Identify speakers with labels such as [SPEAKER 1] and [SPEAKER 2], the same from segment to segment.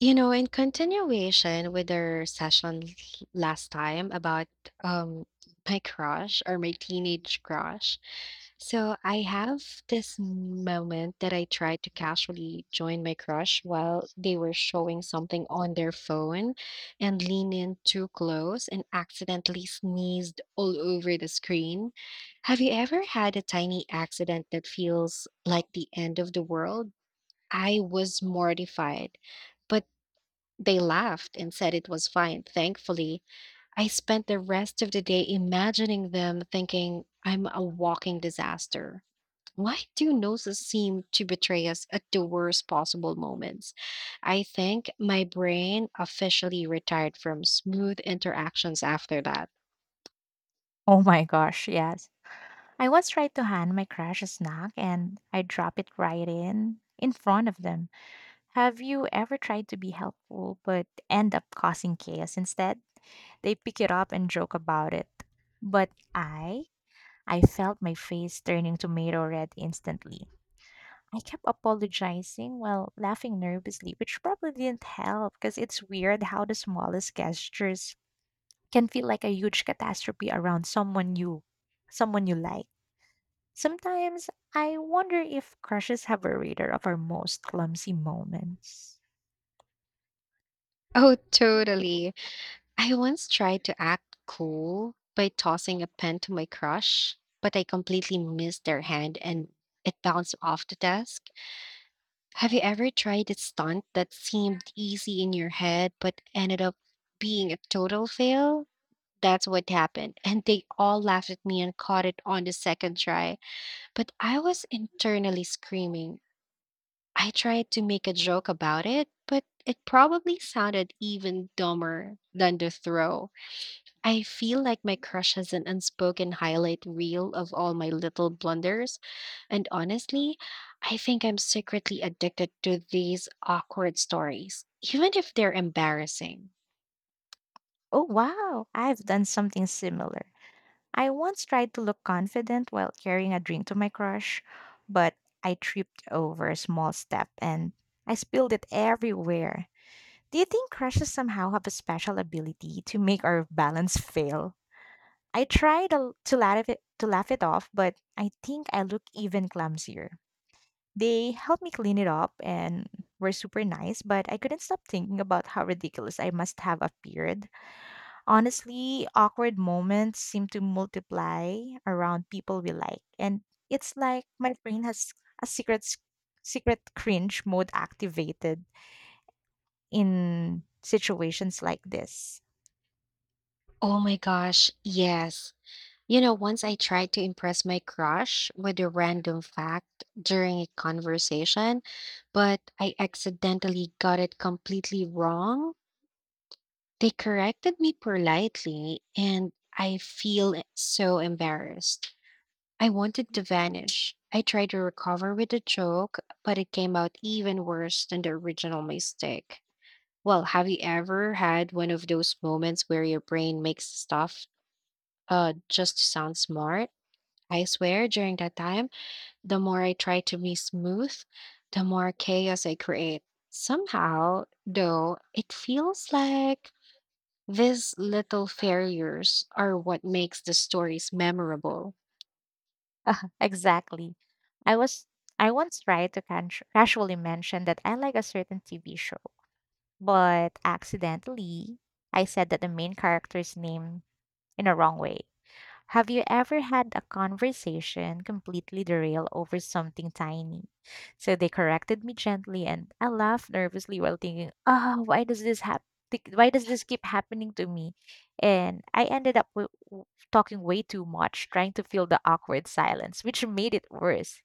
[SPEAKER 1] You know, in continuation with our session last time about um my crush or my teenage crush. So I have this moment that I tried to casually join my crush while they were showing something on their phone and lean in too close and accidentally sneezed all over the screen. Have you ever had a tiny accident that feels like the end of the world? I was mortified. But they laughed and said it was fine, thankfully. I spent the rest of the day imagining them thinking I'm a walking disaster. Why do noses seem to betray us at the worst possible moments? I think my brain officially retired from smooth interactions after that.
[SPEAKER 2] Oh my gosh, yes. I once tried to hand my crush a snack and I dropped it right in front of them. Have you ever tried to be helpful but end up causing chaos instead? They pick it up and joke about it. But I, I felt my face turning tomato red instantly. I kept apologizing while laughing nervously, which probably didn't help because it's weird how the smallest gestures can feel like a huge catastrophe around someone you like. Sometimes I wonder if crushes have a radar of our most clumsy moments.
[SPEAKER 1] Oh, totally. I once tried to act cool by tossing a pen to my crush, but I completely missed their hand and it bounced off the desk. Have you ever tried a stunt that seemed easy in your head but ended up being a total fail? That's what happened. And they all laughed at me and caught it on the second try. But I was internally screaming. I tried to make a joke about it, but it probably sounded even dumber than the throw. I feel like my crush has an unspoken highlight reel of all my little blunders. And honestly, I think I'm secretly addicted to these awkward stories, even if they're embarrassing.
[SPEAKER 2] Oh wow, I've done something similar. I once tried to look confident while carrying a drink to my crush, but I tripped over a small step and I spilled it everywhere. Do you think crushes somehow have a special ability to make our balance fail? I tried to laugh it off, but I think I look even clumsier. They helped me clean it up and were super nice, but I couldn't stop thinking about how ridiculous I must have appeared. Honestly, awkward moments seem to multiply around people we like, and it's like my brain has a secret s- secret cringe mode activated in situations like this.
[SPEAKER 1] Oh my gosh, yes. You know, once I tried to impress my crush with a random fact during a conversation, but I accidentally got it completely wrong. They corrected me politely, and I feel so embarrassed. I wanted to vanish. I tried to recover with a joke, but it came out even worse than the original mistake. Well, have you ever had one of those moments where your brain makes stuff just to sound smart? I swear, during that time, the more I try to be smooth, the more chaos I create. Somehow, though, it feels like these little failures are what makes the stories memorable.
[SPEAKER 2] Exactly. I was I once tried to casually mention that I like a certain TV show, but accidentally I said that the main character's name in a wrong way. Have you ever had a conversation completely derail over something tiny? So they corrected me gently and I laughed nervously while thinking, oh, why does this happen? Why does this keep happening to me? And I ended up talking way too much, trying to fill the awkward silence, which made it worse.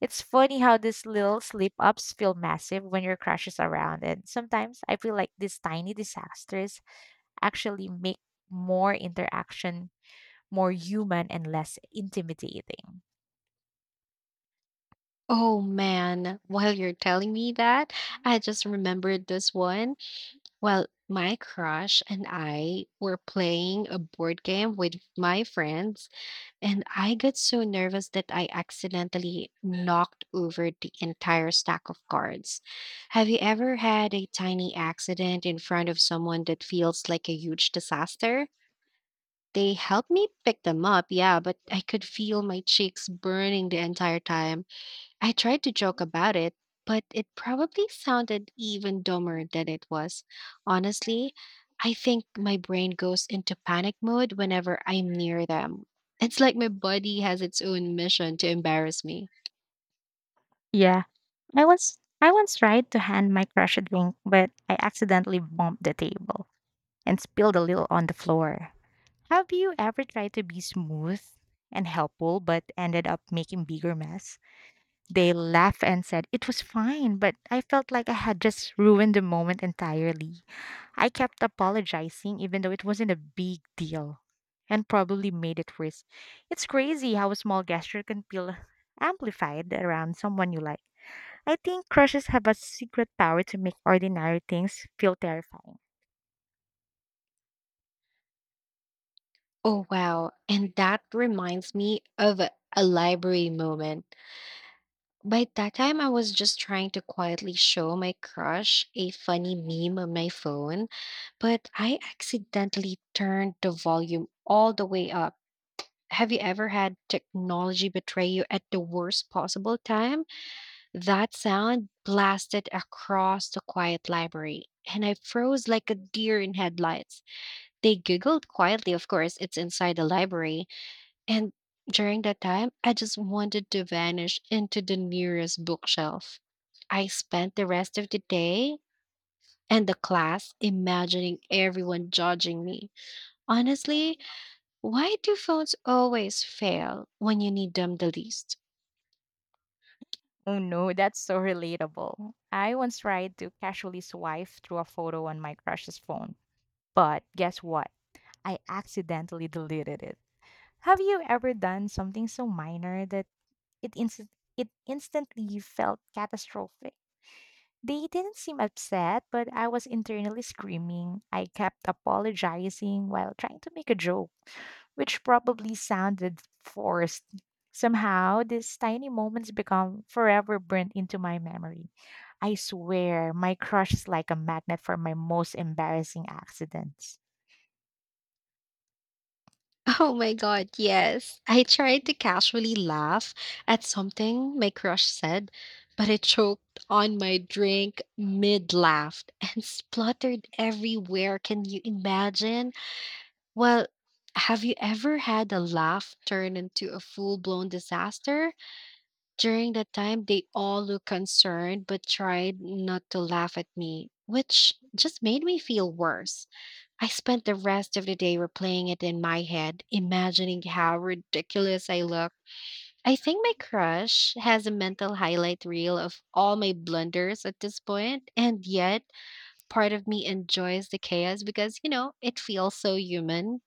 [SPEAKER 2] It's funny how these little slip ups feel massive when your crush is around. And sometimes I feel like these tiny disasters actually make more interaction more human and less intimidating.
[SPEAKER 1] Oh man, while you're telling me that, I just remembered this one. Well, my crush and I were playing a board game with my friends, and I got so nervous that I accidentally knocked over the entire stack of cards. Have you ever had a tiny accident in front of someone that feels like a huge disaster? They helped me pick them up, yeah, but I could feel my cheeks burning the entire time. I tried to joke about it, but it probably sounded even dumber than it was. Honestly, I think my brain goes into panic mode whenever I'm near them. It's like my body has its own mission to embarrass me.
[SPEAKER 2] Yeah, I once tried to hand my crush a drink, but I accidentally bumped the table and spilled a little on the floor. Have you ever tried to be smooth and helpful but ended up making bigger mess? They laughed and said it was fine, but I felt like I had just ruined the moment entirely. I kept apologizing, even though it wasn't a big deal and probably made it worse. It's crazy how a small gesture can feel amplified around someone you like. I think crushes have a secret power to make ordinary things feel terrifying.
[SPEAKER 1] Oh, wow. And that reminds me of a library moment. By that time, I was just trying to quietly show my crush a funny meme on my phone, but I accidentally turned the volume all the way up. Have you ever had technology betray you at the worst possible time? That sound blasted across the quiet library, and I froze like a deer in headlights. They giggled quietly, of course, it's inside the library. And during that time, I just wanted to vanish into the nearest bookshelf. I spent the rest of the day and the class imagining everyone judging me. Honestly, why do phones always fail when you need them the least?
[SPEAKER 2] Oh no, that's so relatable. I once tried to casually swipe through a photo on my crush's phone, but guess what? I accidentally deleted it. Have you ever done something so minor that It, inst- it instantly felt catastrophic. They didn't seem upset, but I was internally screaming. I kept apologizing while trying to make a joke, which probably sounded forced. Somehow, these tiny moments become forever burnt into my memory. I swear, my crush is like a magnet for my most embarrassing accidents.
[SPEAKER 1] Oh my god, yes. I tried to casually laugh at something my crush said, but it choked on my drink mid laugh and spluttered everywhere. Can you imagine? Well, have you ever had a laugh turn into a full blown disaster? During that time, they all looked concerned but tried not to laugh at me, which just made me feel worse. I spent the rest of the day replaying it in my head, imagining how ridiculous I looked. I think my crush has a mental highlight reel of all my blunders at this point, and yet part of me enjoys the chaos because, it feels so human.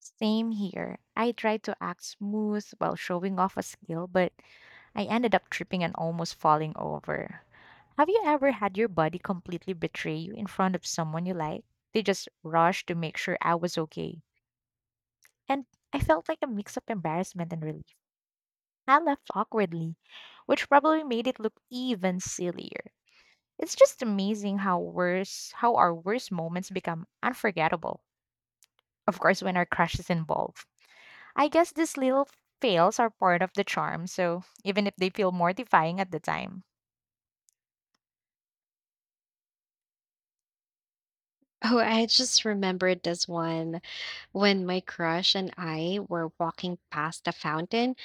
[SPEAKER 2] Same here. I tried to act smooth while showing off a skill, but I ended up tripping and almost falling over. Have you ever had your body completely betray you in front of someone you like? They just rushed to make sure I was okay. And I felt like a mix of embarrassment and relief. I laughed awkwardly, which probably made it look even sillier. It's just amazing how worse how our worst moments become unforgettable. Of course when our crush is involved. I guess these little fails are part of the charm, so even if they feel mortifying at the time.
[SPEAKER 1] Oh, I just remembered this one when my crush and I were walking past a fountain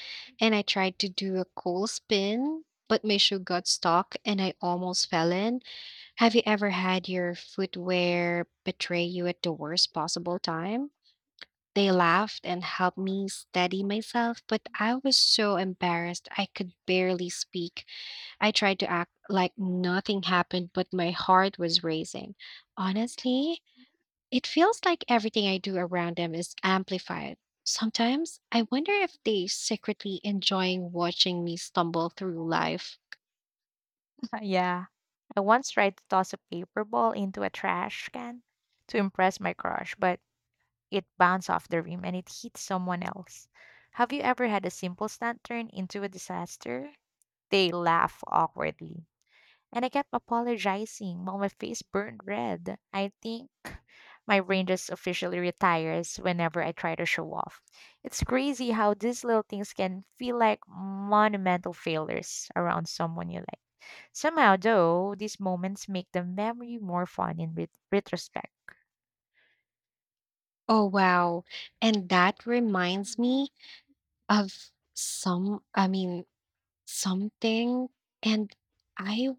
[SPEAKER 1] and I tried to do a cool spin, but my shoe got stuck and I almost fell in. Have you ever had your footwear betray you at the worst possible time? They laughed and helped me steady myself, but I was so embarrassed I could barely speak. I tried to act like nothing happened, but my heart was racing. Honestly, it feels like everything I do around them is amplified. Sometimes I wonder if they secretly enjoying watching me stumble through life.
[SPEAKER 2] Yeah. I once tried to toss a paper ball into a trash can to impress my crush, but it bounced off the rim and it hit someone else. Have you ever had a simple stunt turn into a disaster? They laugh awkwardly. And I kept apologizing while my face burned red. I think my brain just officially retires whenever I try to show off. It's crazy how these little things can feel like monumental failures around someone you. Somehow, though, these moments make the memory more fun in retrospect.
[SPEAKER 1] Oh wow. And that reminds me, of something, and I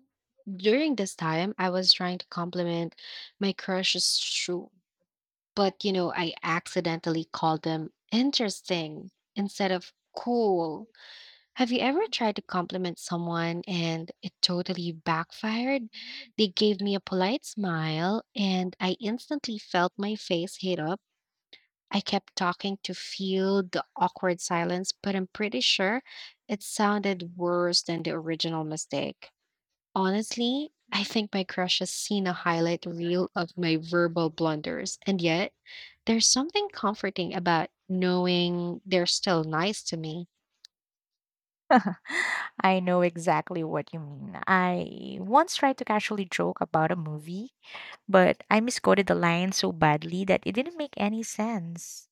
[SPEAKER 1] during this time, I was trying to compliment my crush's shoe, but, I accidentally called them "interesting" instead of "cool." Have you ever tried to compliment someone and it totally backfired? They gave me a polite smile, and I instantly felt my face heat up. I kept talking to fill the awkward silence, but I'm pretty sure it sounded worse than the original mistake. Honestly, I think my crush has seen a highlight reel of my verbal blunders, and yet there's something comforting about knowing they're still nice to me.
[SPEAKER 2] I know exactly what you mean. I once tried to casually joke about a movie, but I misquoted the line so badly that it didn't make any sense.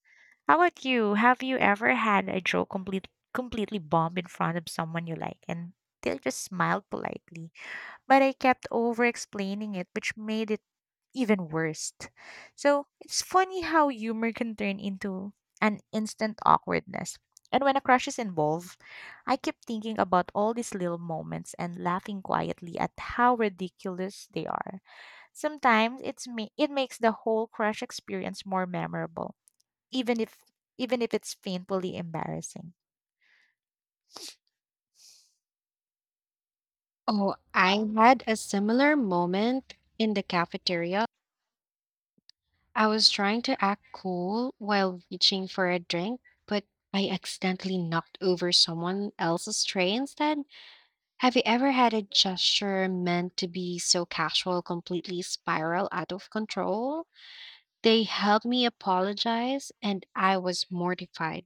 [SPEAKER 2] How about you? Have you ever had a joke completely bomb in front of someone you like, and they just smiled politely, but I kept over explaining it, which made it even worse. So it's funny how humor can turn into an instant awkwardness. And when a crush is involved, I keep thinking about all these little moments and laughing quietly at how ridiculous they are. Sometimes it makes the whole crush experience more memorable, even if even if it's painfully embarrassing.
[SPEAKER 1] Oh, I had a similar moment in the cafeteria. I was trying to act cool while reaching for a drink, but I accidentally knocked over someone else's tray instead. Have you ever had a gesture meant to be so casual completely spiral out of control? They helped me apologize, and I was mortified.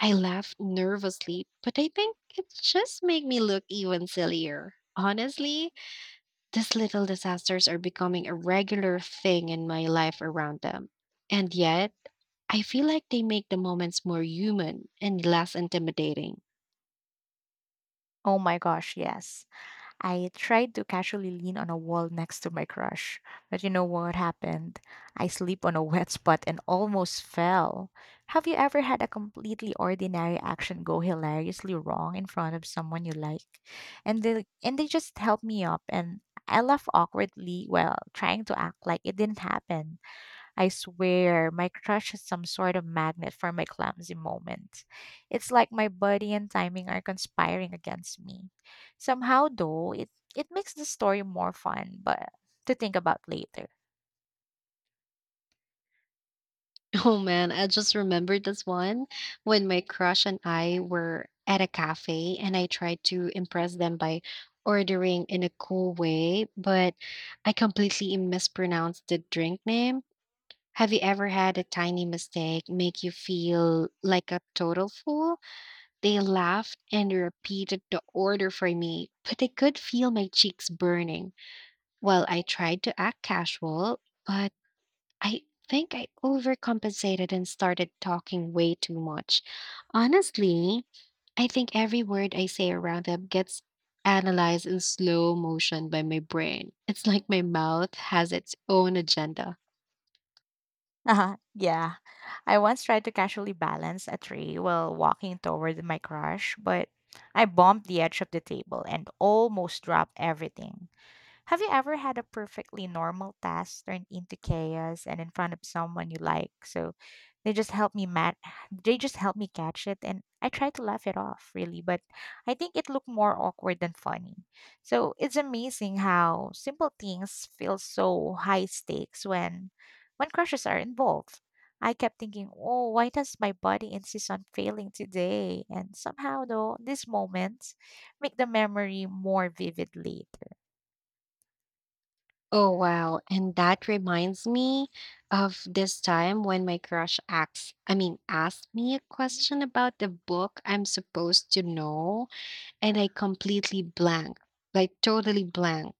[SPEAKER 1] I laughed nervously, but I think it just made me look even sillier. Honestly, these little disasters are becoming a regular thing in my life around them. And yet, I feel like they make the moments more human and less intimidating.
[SPEAKER 2] Oh my gosh, yes. I tried to casually lean on a wall next to my crush, but you know what happened? I slipped on a wet spot and almost fell. Have you ever had a completely ordinary action go hilariously wrong in front of someone you like? And they just helped me up and I laughed awkwardly while trying to act like it didn't happen. I swear, my crush is some sort of magnet for my clumsy moments. It's like my body and timing are conspiring against me. Somehow, though, it makes the story more fun, but to think about later.
[SPEAKER 1] Oh man, I just remembered this one when my crush and I were at a cafe and I tried to impress them by ordering in a cool way, but I completely mispronounced the drink name. Have you ever had a tiny mistake make you feel like a total fool? They laughed and repeated the order for me, but I could feel my cheeks burning. Well, I tried to act casual, but I think I overcompensated and started talking way too much. Honestly, I think every word I say around them gets analyzed in slow motion by my brain. It's like my mouth has its own agenda.
[SPEAKER 2] Uh-huh, yeah. I once tried to casually balance a tree while walking toward my crush, but I bumped the edge of the table and almost dropped everything. Have you ever had a perfectly normal task turned into chaos and in front of someone you like? So they just help me mat they just help me catch it and I try to laugh it off really, but I think it looked more awkward than funny. So it's amazing how simple things feel so high stakes when crushes are involved. I kept thinking, oh, why does my body insist on failing today? And somehow though, these moments make the memory more vivid later.
[SPEAKER 1] Oh, wow. And that reminds me of this time when my crush asked me a question about the book I'm supposed to know, and I completely blank, like totally blank.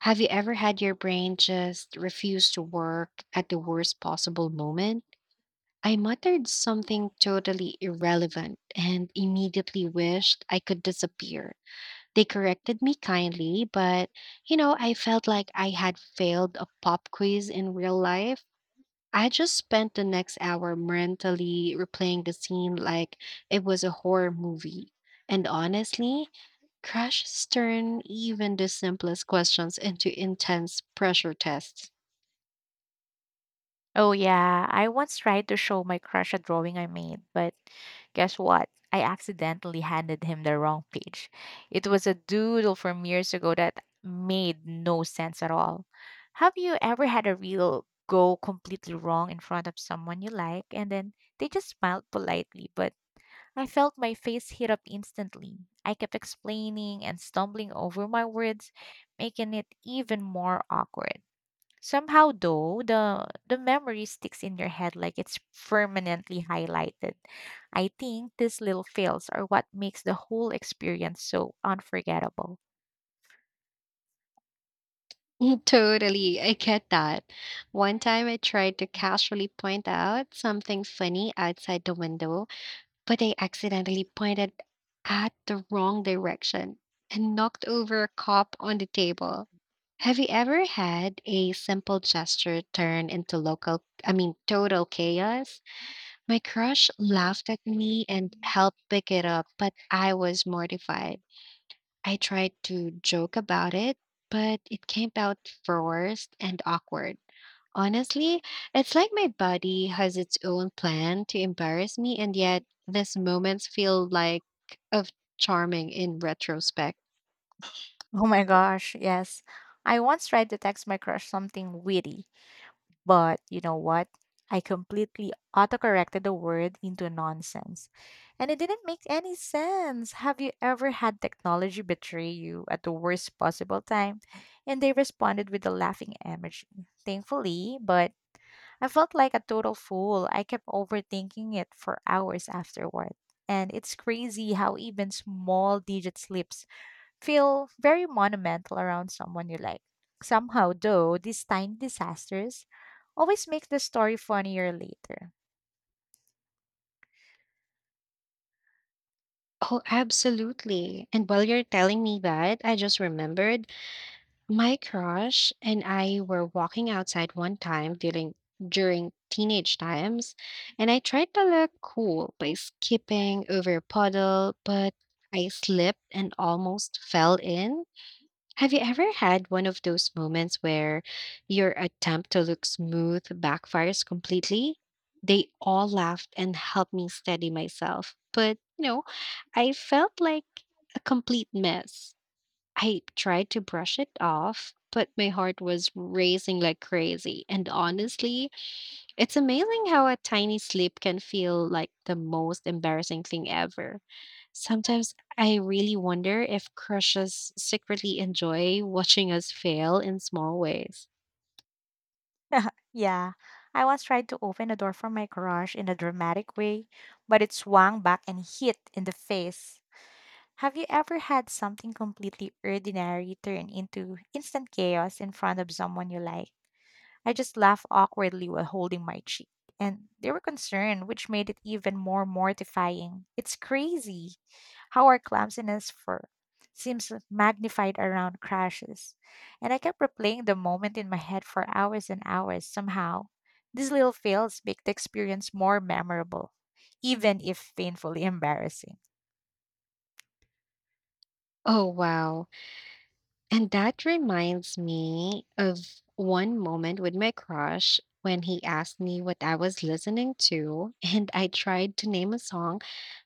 [SPEAKER 1] Have you ever had your brain just refuse to work at the worst possible moment? I muttered something totally irrelevant and immediately wished I could disappear. They corrected me kindly, but I felt like I had failed a pop quiz in real life. I just spent the next hour mentally replaying the scene like it was a horror movie. And honestly, crashes turn even the simplest questions into intense pressure tests.
[SPEAKER 2] Oh yeah, I once tried to show my crush a drawing I made, but guess what? I accidentally handed him the wrong page. It was a doodle from years ago that made no sense at all. Have you ever had a real go completely wrong in front of someone you like, and then they just smiled politely, but I felt my face heat up instantly. I kept explaining and stumbling over my words, making it even more awkward. Somehow though, the memory sticks in your head like it's permanently highlighted. I think these little fails are what makes the whole experience so unforgettable.
[SPEAKER 1] Totally, I get that. One time I tried to casually point out something funny outside the window, but I accidentally pointed at the wrong direction and knocked over a cup on the table. Have you ever had a simple gesture turn into total chaos? My crush laughed at me and helped pick it up, but I was mortified. I tried to joke about it, but it came out forced and awkward. Honestly, it's like my body has its own plan to embarrass me, and yet these moments feel like of charming in retrospect.
[SPEAKER 2] Oh my gosh, yes. I once tried to text my crush something witty, but you know what? I completely autocorrected the word into nonsense. And it didn't make any sense. Have you ever had technology betray you at the worst possible time? And they responded with a laughing emoji. Thankfully, but I felt like a total fool. I kept overthinking it for hours afterward. And it's crazy how even small digit slips feel very monumental around someone you like. Somehow, though, these tiny disasters always make the story funnier later.
[SPEAKER 1] Oh, absolutely. And while you're telling me that, I just remembered my crush and I were walking outside one time during teenage times, and I tried to look cool by skipping over a puddle, but I slipped and almost fell in. Have you ever had one of those moments where your attempt to look smooth backfires completely? They all laughed and helped me steady myself, but I felt like a complete mess. I tried to brush it off, but my heart was racing like crazy. And honestly, it's amazing how a tiny slip can feel like the most embarrassing thing ever. Sometimes I really wonder if crushes secretly enjoy watching us fail in small ways.
[SPEAKER 2] Yeah, I once tried to open a door from my garage in a dramatic way, but it swung back and hit in the face. Have you ever had something completely ordinary turn into instant chaos in front of someone you like? I just laughed awkwardly while holding my cheek. And they were concerned, which made it even more mortifying. It's crazy how our clumsiness for seems magnified around crashes. And I kept replaying the moment in my head for hours and hours somehow. These little fails make the experience more memorable, even if painfully embarrassing.
[SPEAKER 1] Oh, wow. And that reminds me of one moment with my crush when he asked me what I was listening to, and I tried to name a song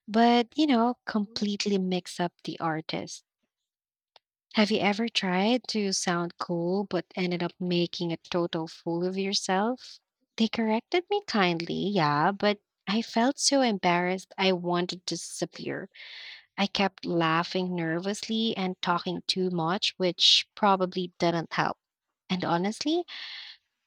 [SPEAKER 1] but completely mix up the artist. Have you ever tried to sound cool but ended up making a total fool of yourself? They corrected me kindly, yeah, but I felt so embarrassed I wanted to disappear. I kept laughing nervously and talking too much, which probably didn't help. And honestly,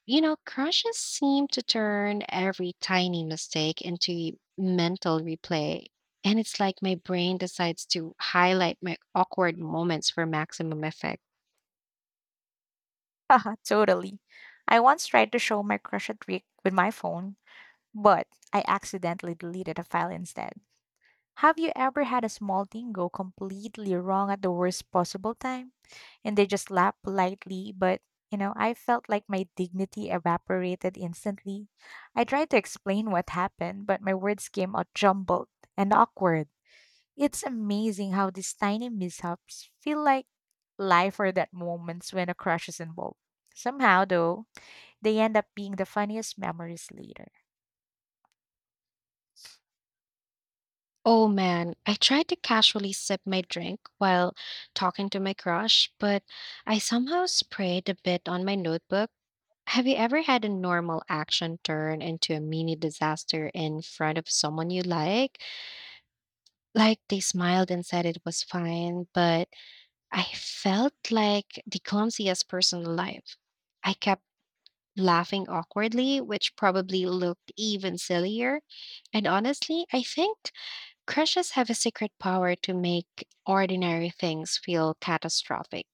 [SPEAKER 1] crushes seem to turn every tiny mistake into mental replay. And it's like my brain decides to highlight my awkward moments for maximum effect.
[SPEAKER 2] Haha, totally. I once tried to show my crush a trick with my phone, but I accidentally deleted a file instead. Have you ever had a small thing go completely wrong at the worst possible time? And they just laughed politely, but you know, I felt like my dignity evaporated instantly. I tried to explain what happened, but my words came out jumbled and awkward. It's amazing how these tiny mishaps feel like life or that moments when a crush is involved. Somehow, though, they end up being the funniest memories later.
[SPEAKER 1] Oh man, I tried to casually sip my drink while talking to my crush, but I somehow sprayed a bit on my notebook. Have you ever had a normal action turn into a mini disaster in front of someone you like? Like they smiled and said it was fine, but I felt like the clumsiest person alive. I kept laughing awkwardly, which probably looked even sillier. And honestly, I think crushes have a secret power to make ordinary things feel catastrophic.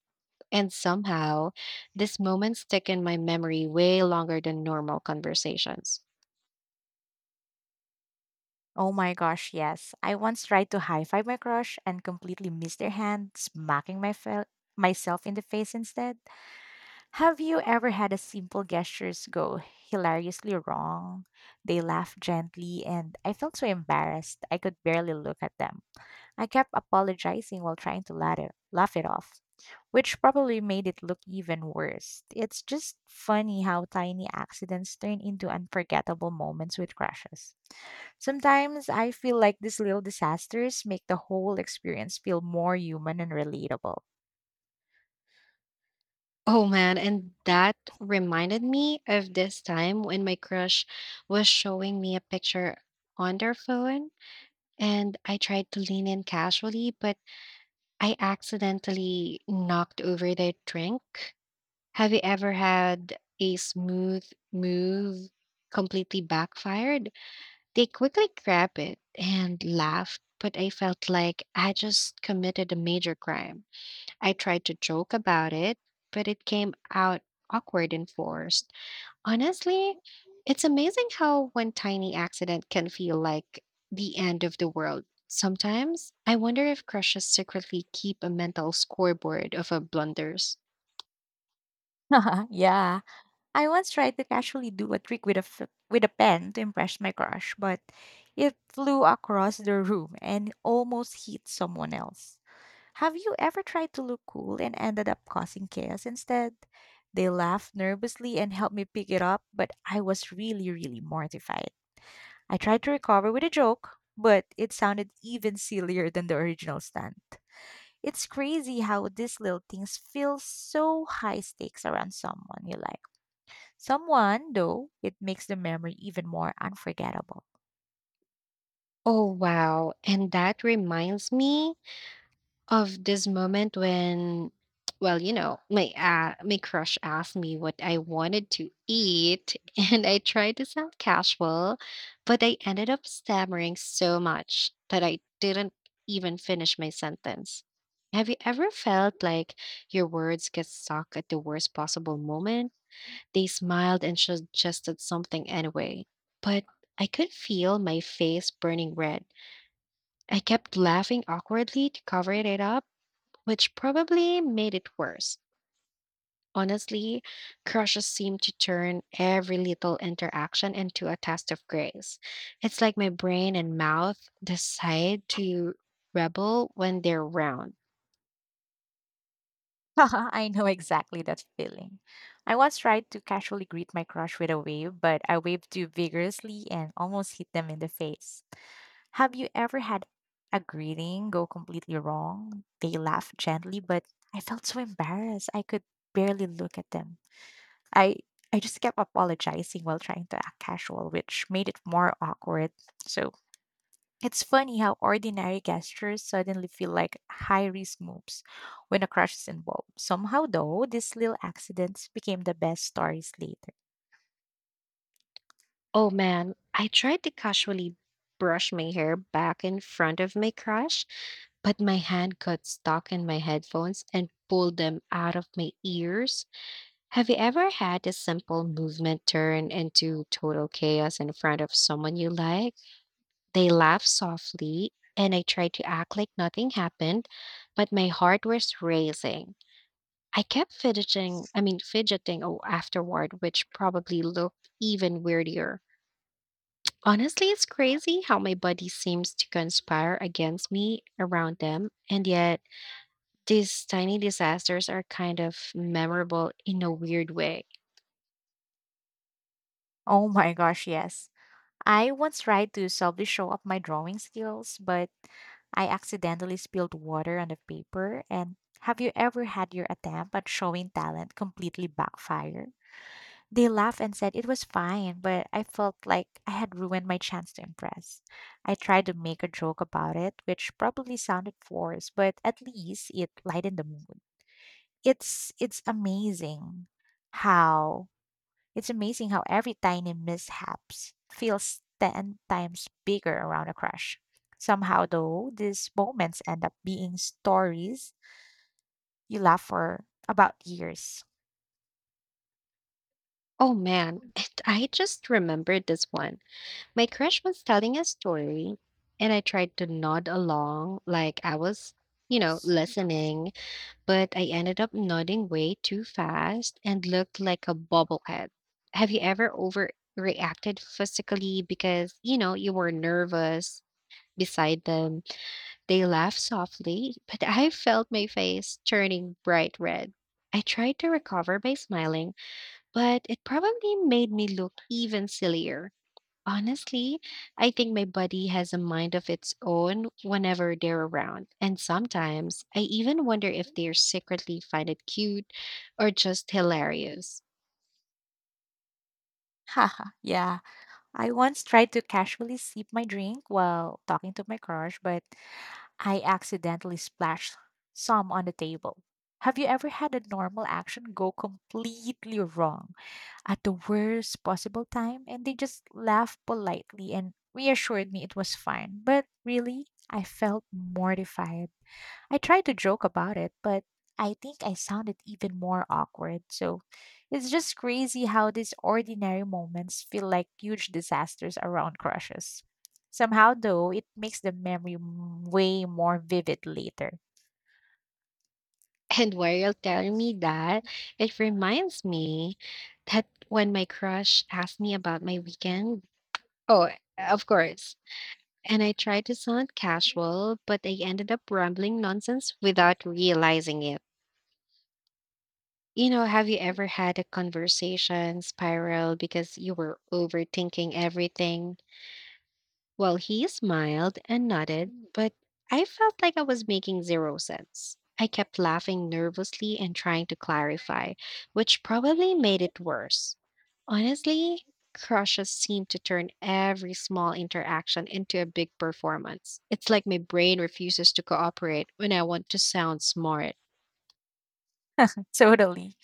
[SPEAKER 1] And somehow, these moments stick in my memory way longer than normal conversations.
[SPEAKER 2] Oh my gosh, yes. I once tried to high five my crush and completely missed their hand, smacking myself in the face instead. Have you ever had a simple gestures go hilariously wrong? They laughed gently, and I felt so embarrassed I could barely look at them. I kept apologizing while trying to laugh it off, which probably made it look even worse. It's just funny how tiny accidents turn into unforgettable moments with crushes. Sometimes I feel like these little disasters make the whole experience feel more human and relatable.
[SPEAKER 1] Oh man, and that reminded me of this time when my crush was showing me a picture on their phone, and I tried to lean in casually, but I accidentally knocked over their drink. Have you ever had a smooth move completely backfired? They quickly grabbed it and laughed, but I felt like I just committed a major crime. I tried to joke about it, but it came out awkward and forced. Honestly, it's amazing how one tiny accident can feel like the end of the world. Sometimes I wonder if crushes secretly keep a mental scoreboard of our blunders.
[SPEAKER 2] Yeah, I once tried to casually do a trick with with a pen to impress my crush, but it flew across the room and almost hit someone else. Have you ever tried to look cool and ended up causing chaos instead? They laughed nervously and helped me pick it up, but I was really, really mortified. I tried to recover with a joke, but it sounded even sillier than the original stunt. It's crazy how these little things feel so high stakes around someone you like. Someone, though, it makes the memory even more unforgettable.
[SPEAKER 1] Oh, wow. And that reminds me of this moment when well, my crush asked me what I wanted to eat and I tried to sound casual, but I ended up stammering so much that I didn't even finish my sentence. Have you ever felt like your words get stuck at the worst possible moment? They smiled and suggested something anyway, but I could feel my face burning red. I kept laughing awkwardly to cover it up, which probably made it worse. Honestly, crushes seem to turn every little interaction into a test of grace. It's like my brain and mouth decide to rebel when they're round.
[SPEAKER 2] I know exactly that feeling. I once tried to casually greet my crush with a wave, but I waved too vigorously and almost hit them in the face. Have you ever had a greeting go completely wrong? They laughed gently, but I felt so embarrassed. I could barely look at them. I I just kept apologizing while trying to act casual, which made it more awkward. So it's funny how ordinary gestures suddenly feel like high risk moves when a crush is involved. Somehow, though, these little accidents became the best stories later.
[SPEAKER 1] Oh man, I tried to casually brush my hair back in front of my crush, but my hand got stuck in my headphones and pulled them out of my ears. Have you ever had a simple movement turn into total chaos in front of someone you like? They laughed softly, and I tried to act like nothing happened, but my heart was racing. I kept fidgeting afterward, which probably looked even weirder. Honestly, it's crazy how my body seems to conspire against me around them, and yet these tiny disasters are kind of memorable in a weird way.
[SPEAKER 2] Oh my gosh, yes. I once tried to subtly show off my drawing skills, but I accidentally spilled water on the paper. And have you ever had your attempt at showing talent completely backfire? They laughed and said it was fine, but I felt like I had ruined my chance to impress. I tried to make a joke about it, which probably sounded forced, but at least it lightened the mood. It's it's amazing how it's amazing how every tiny mishaps feels 10 times bigger around a crush. Somehow, though, these moments end up being stories you laugh for about years.
[SPEAKER 1] Oh man, and I just remembered this one. My crush was telling a story, and I tried to nod along like I was, you know, listening, but I ended up nodding way too fast and looked like a bobblehead. Have you ever overreacted physically because, you know, you were nervous beside them? They laughed softly, but I felt my face turning bright red. I tried to recover by smiling, but it probably made me look even sillier. Honestly, I think my body has a mind of its own whenever they're around. And sometimes I even wonder if they secretly find it cute or just hilarious.
[SPEAKER 2] Haha, yeah. I once tried to casually sip my drink while talking to my crush, but I accidentally splashed some on the table. Have you ever had a normal action go completely wrong at the worst possible time, and they just laughed politely and reassured me it was fine. But really, I felt mortified. I tried to joke about it, but I think I sounded even more awkward. So it's just crazy how these ordinary moments feel like huge disasters around crushes. Somehow, though, it makes the memory way more vivid later.
[SPEAKER 1] And while you're telling me that, it reminds me that when my crush asked me about my weekend, oh, of course. And I tried to sound casual, but I ended up rambling nonsense without realizing it. You know, have you ever had a conversation spiral because you were overthinking everything? Well, he smiled and nodded, but I felt like I was making zero sense. I kept laughing nervously and trying to clarify, which probably made it worse. Honestly, crushes seem to turn every small interaction into a big performance. It's like my brain refuses to cooperate when I want to sound smart.
[SPEAKER 2] Totally.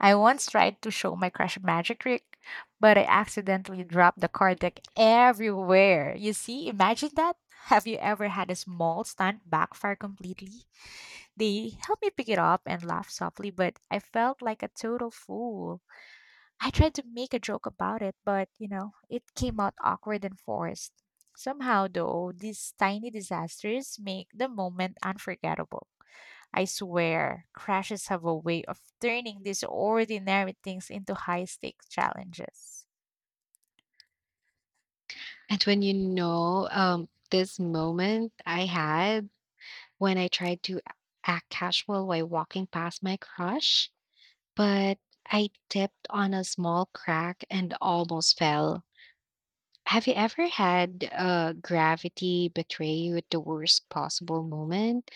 [SPEAKER 2] I once tried to show my crush a magic trick, but I accidentally dropped the card deck everywhere. You see, imagine that. Have you ever had a small stunt backfire completely? They helped me pick it up and laugh softly, but I felt like a total fool. I tried to make a joke about it, but you know, it came out awkward and forced. Somehow, though, these tiny disasters make the moment unforgettable. I swear, crashes have a way of turning these ordinary things into high stakes challenges.
[SPEAKER 1] And this moment I had when I tried to a- act casual while walking past my crush, but I tipped on a small crack and almost fell. Have you ever had gravity betray you at the worst possible moment?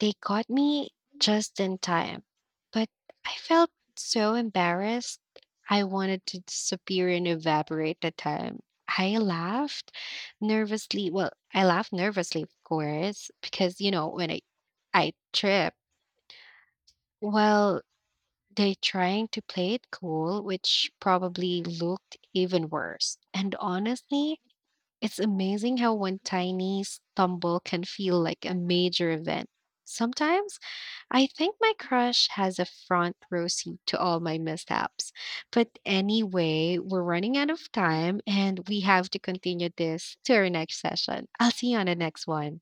[SPEAKER 1] They caught me just in time, but I felt so embarrassed. I wanted to disappear and evaporate the time. I laughed nervously. Well, I laughed nervously, of course, because when I trip. Well, they trying to play it cool, which probably looked even worse. And honestly, it's amazing how one tiny stumble can feel like a major event. Sometimes I think my crush has a front row seat to all my mishaps. But anyway, we're running out of time and we have to continue this to our next session. I'll see you on the next one.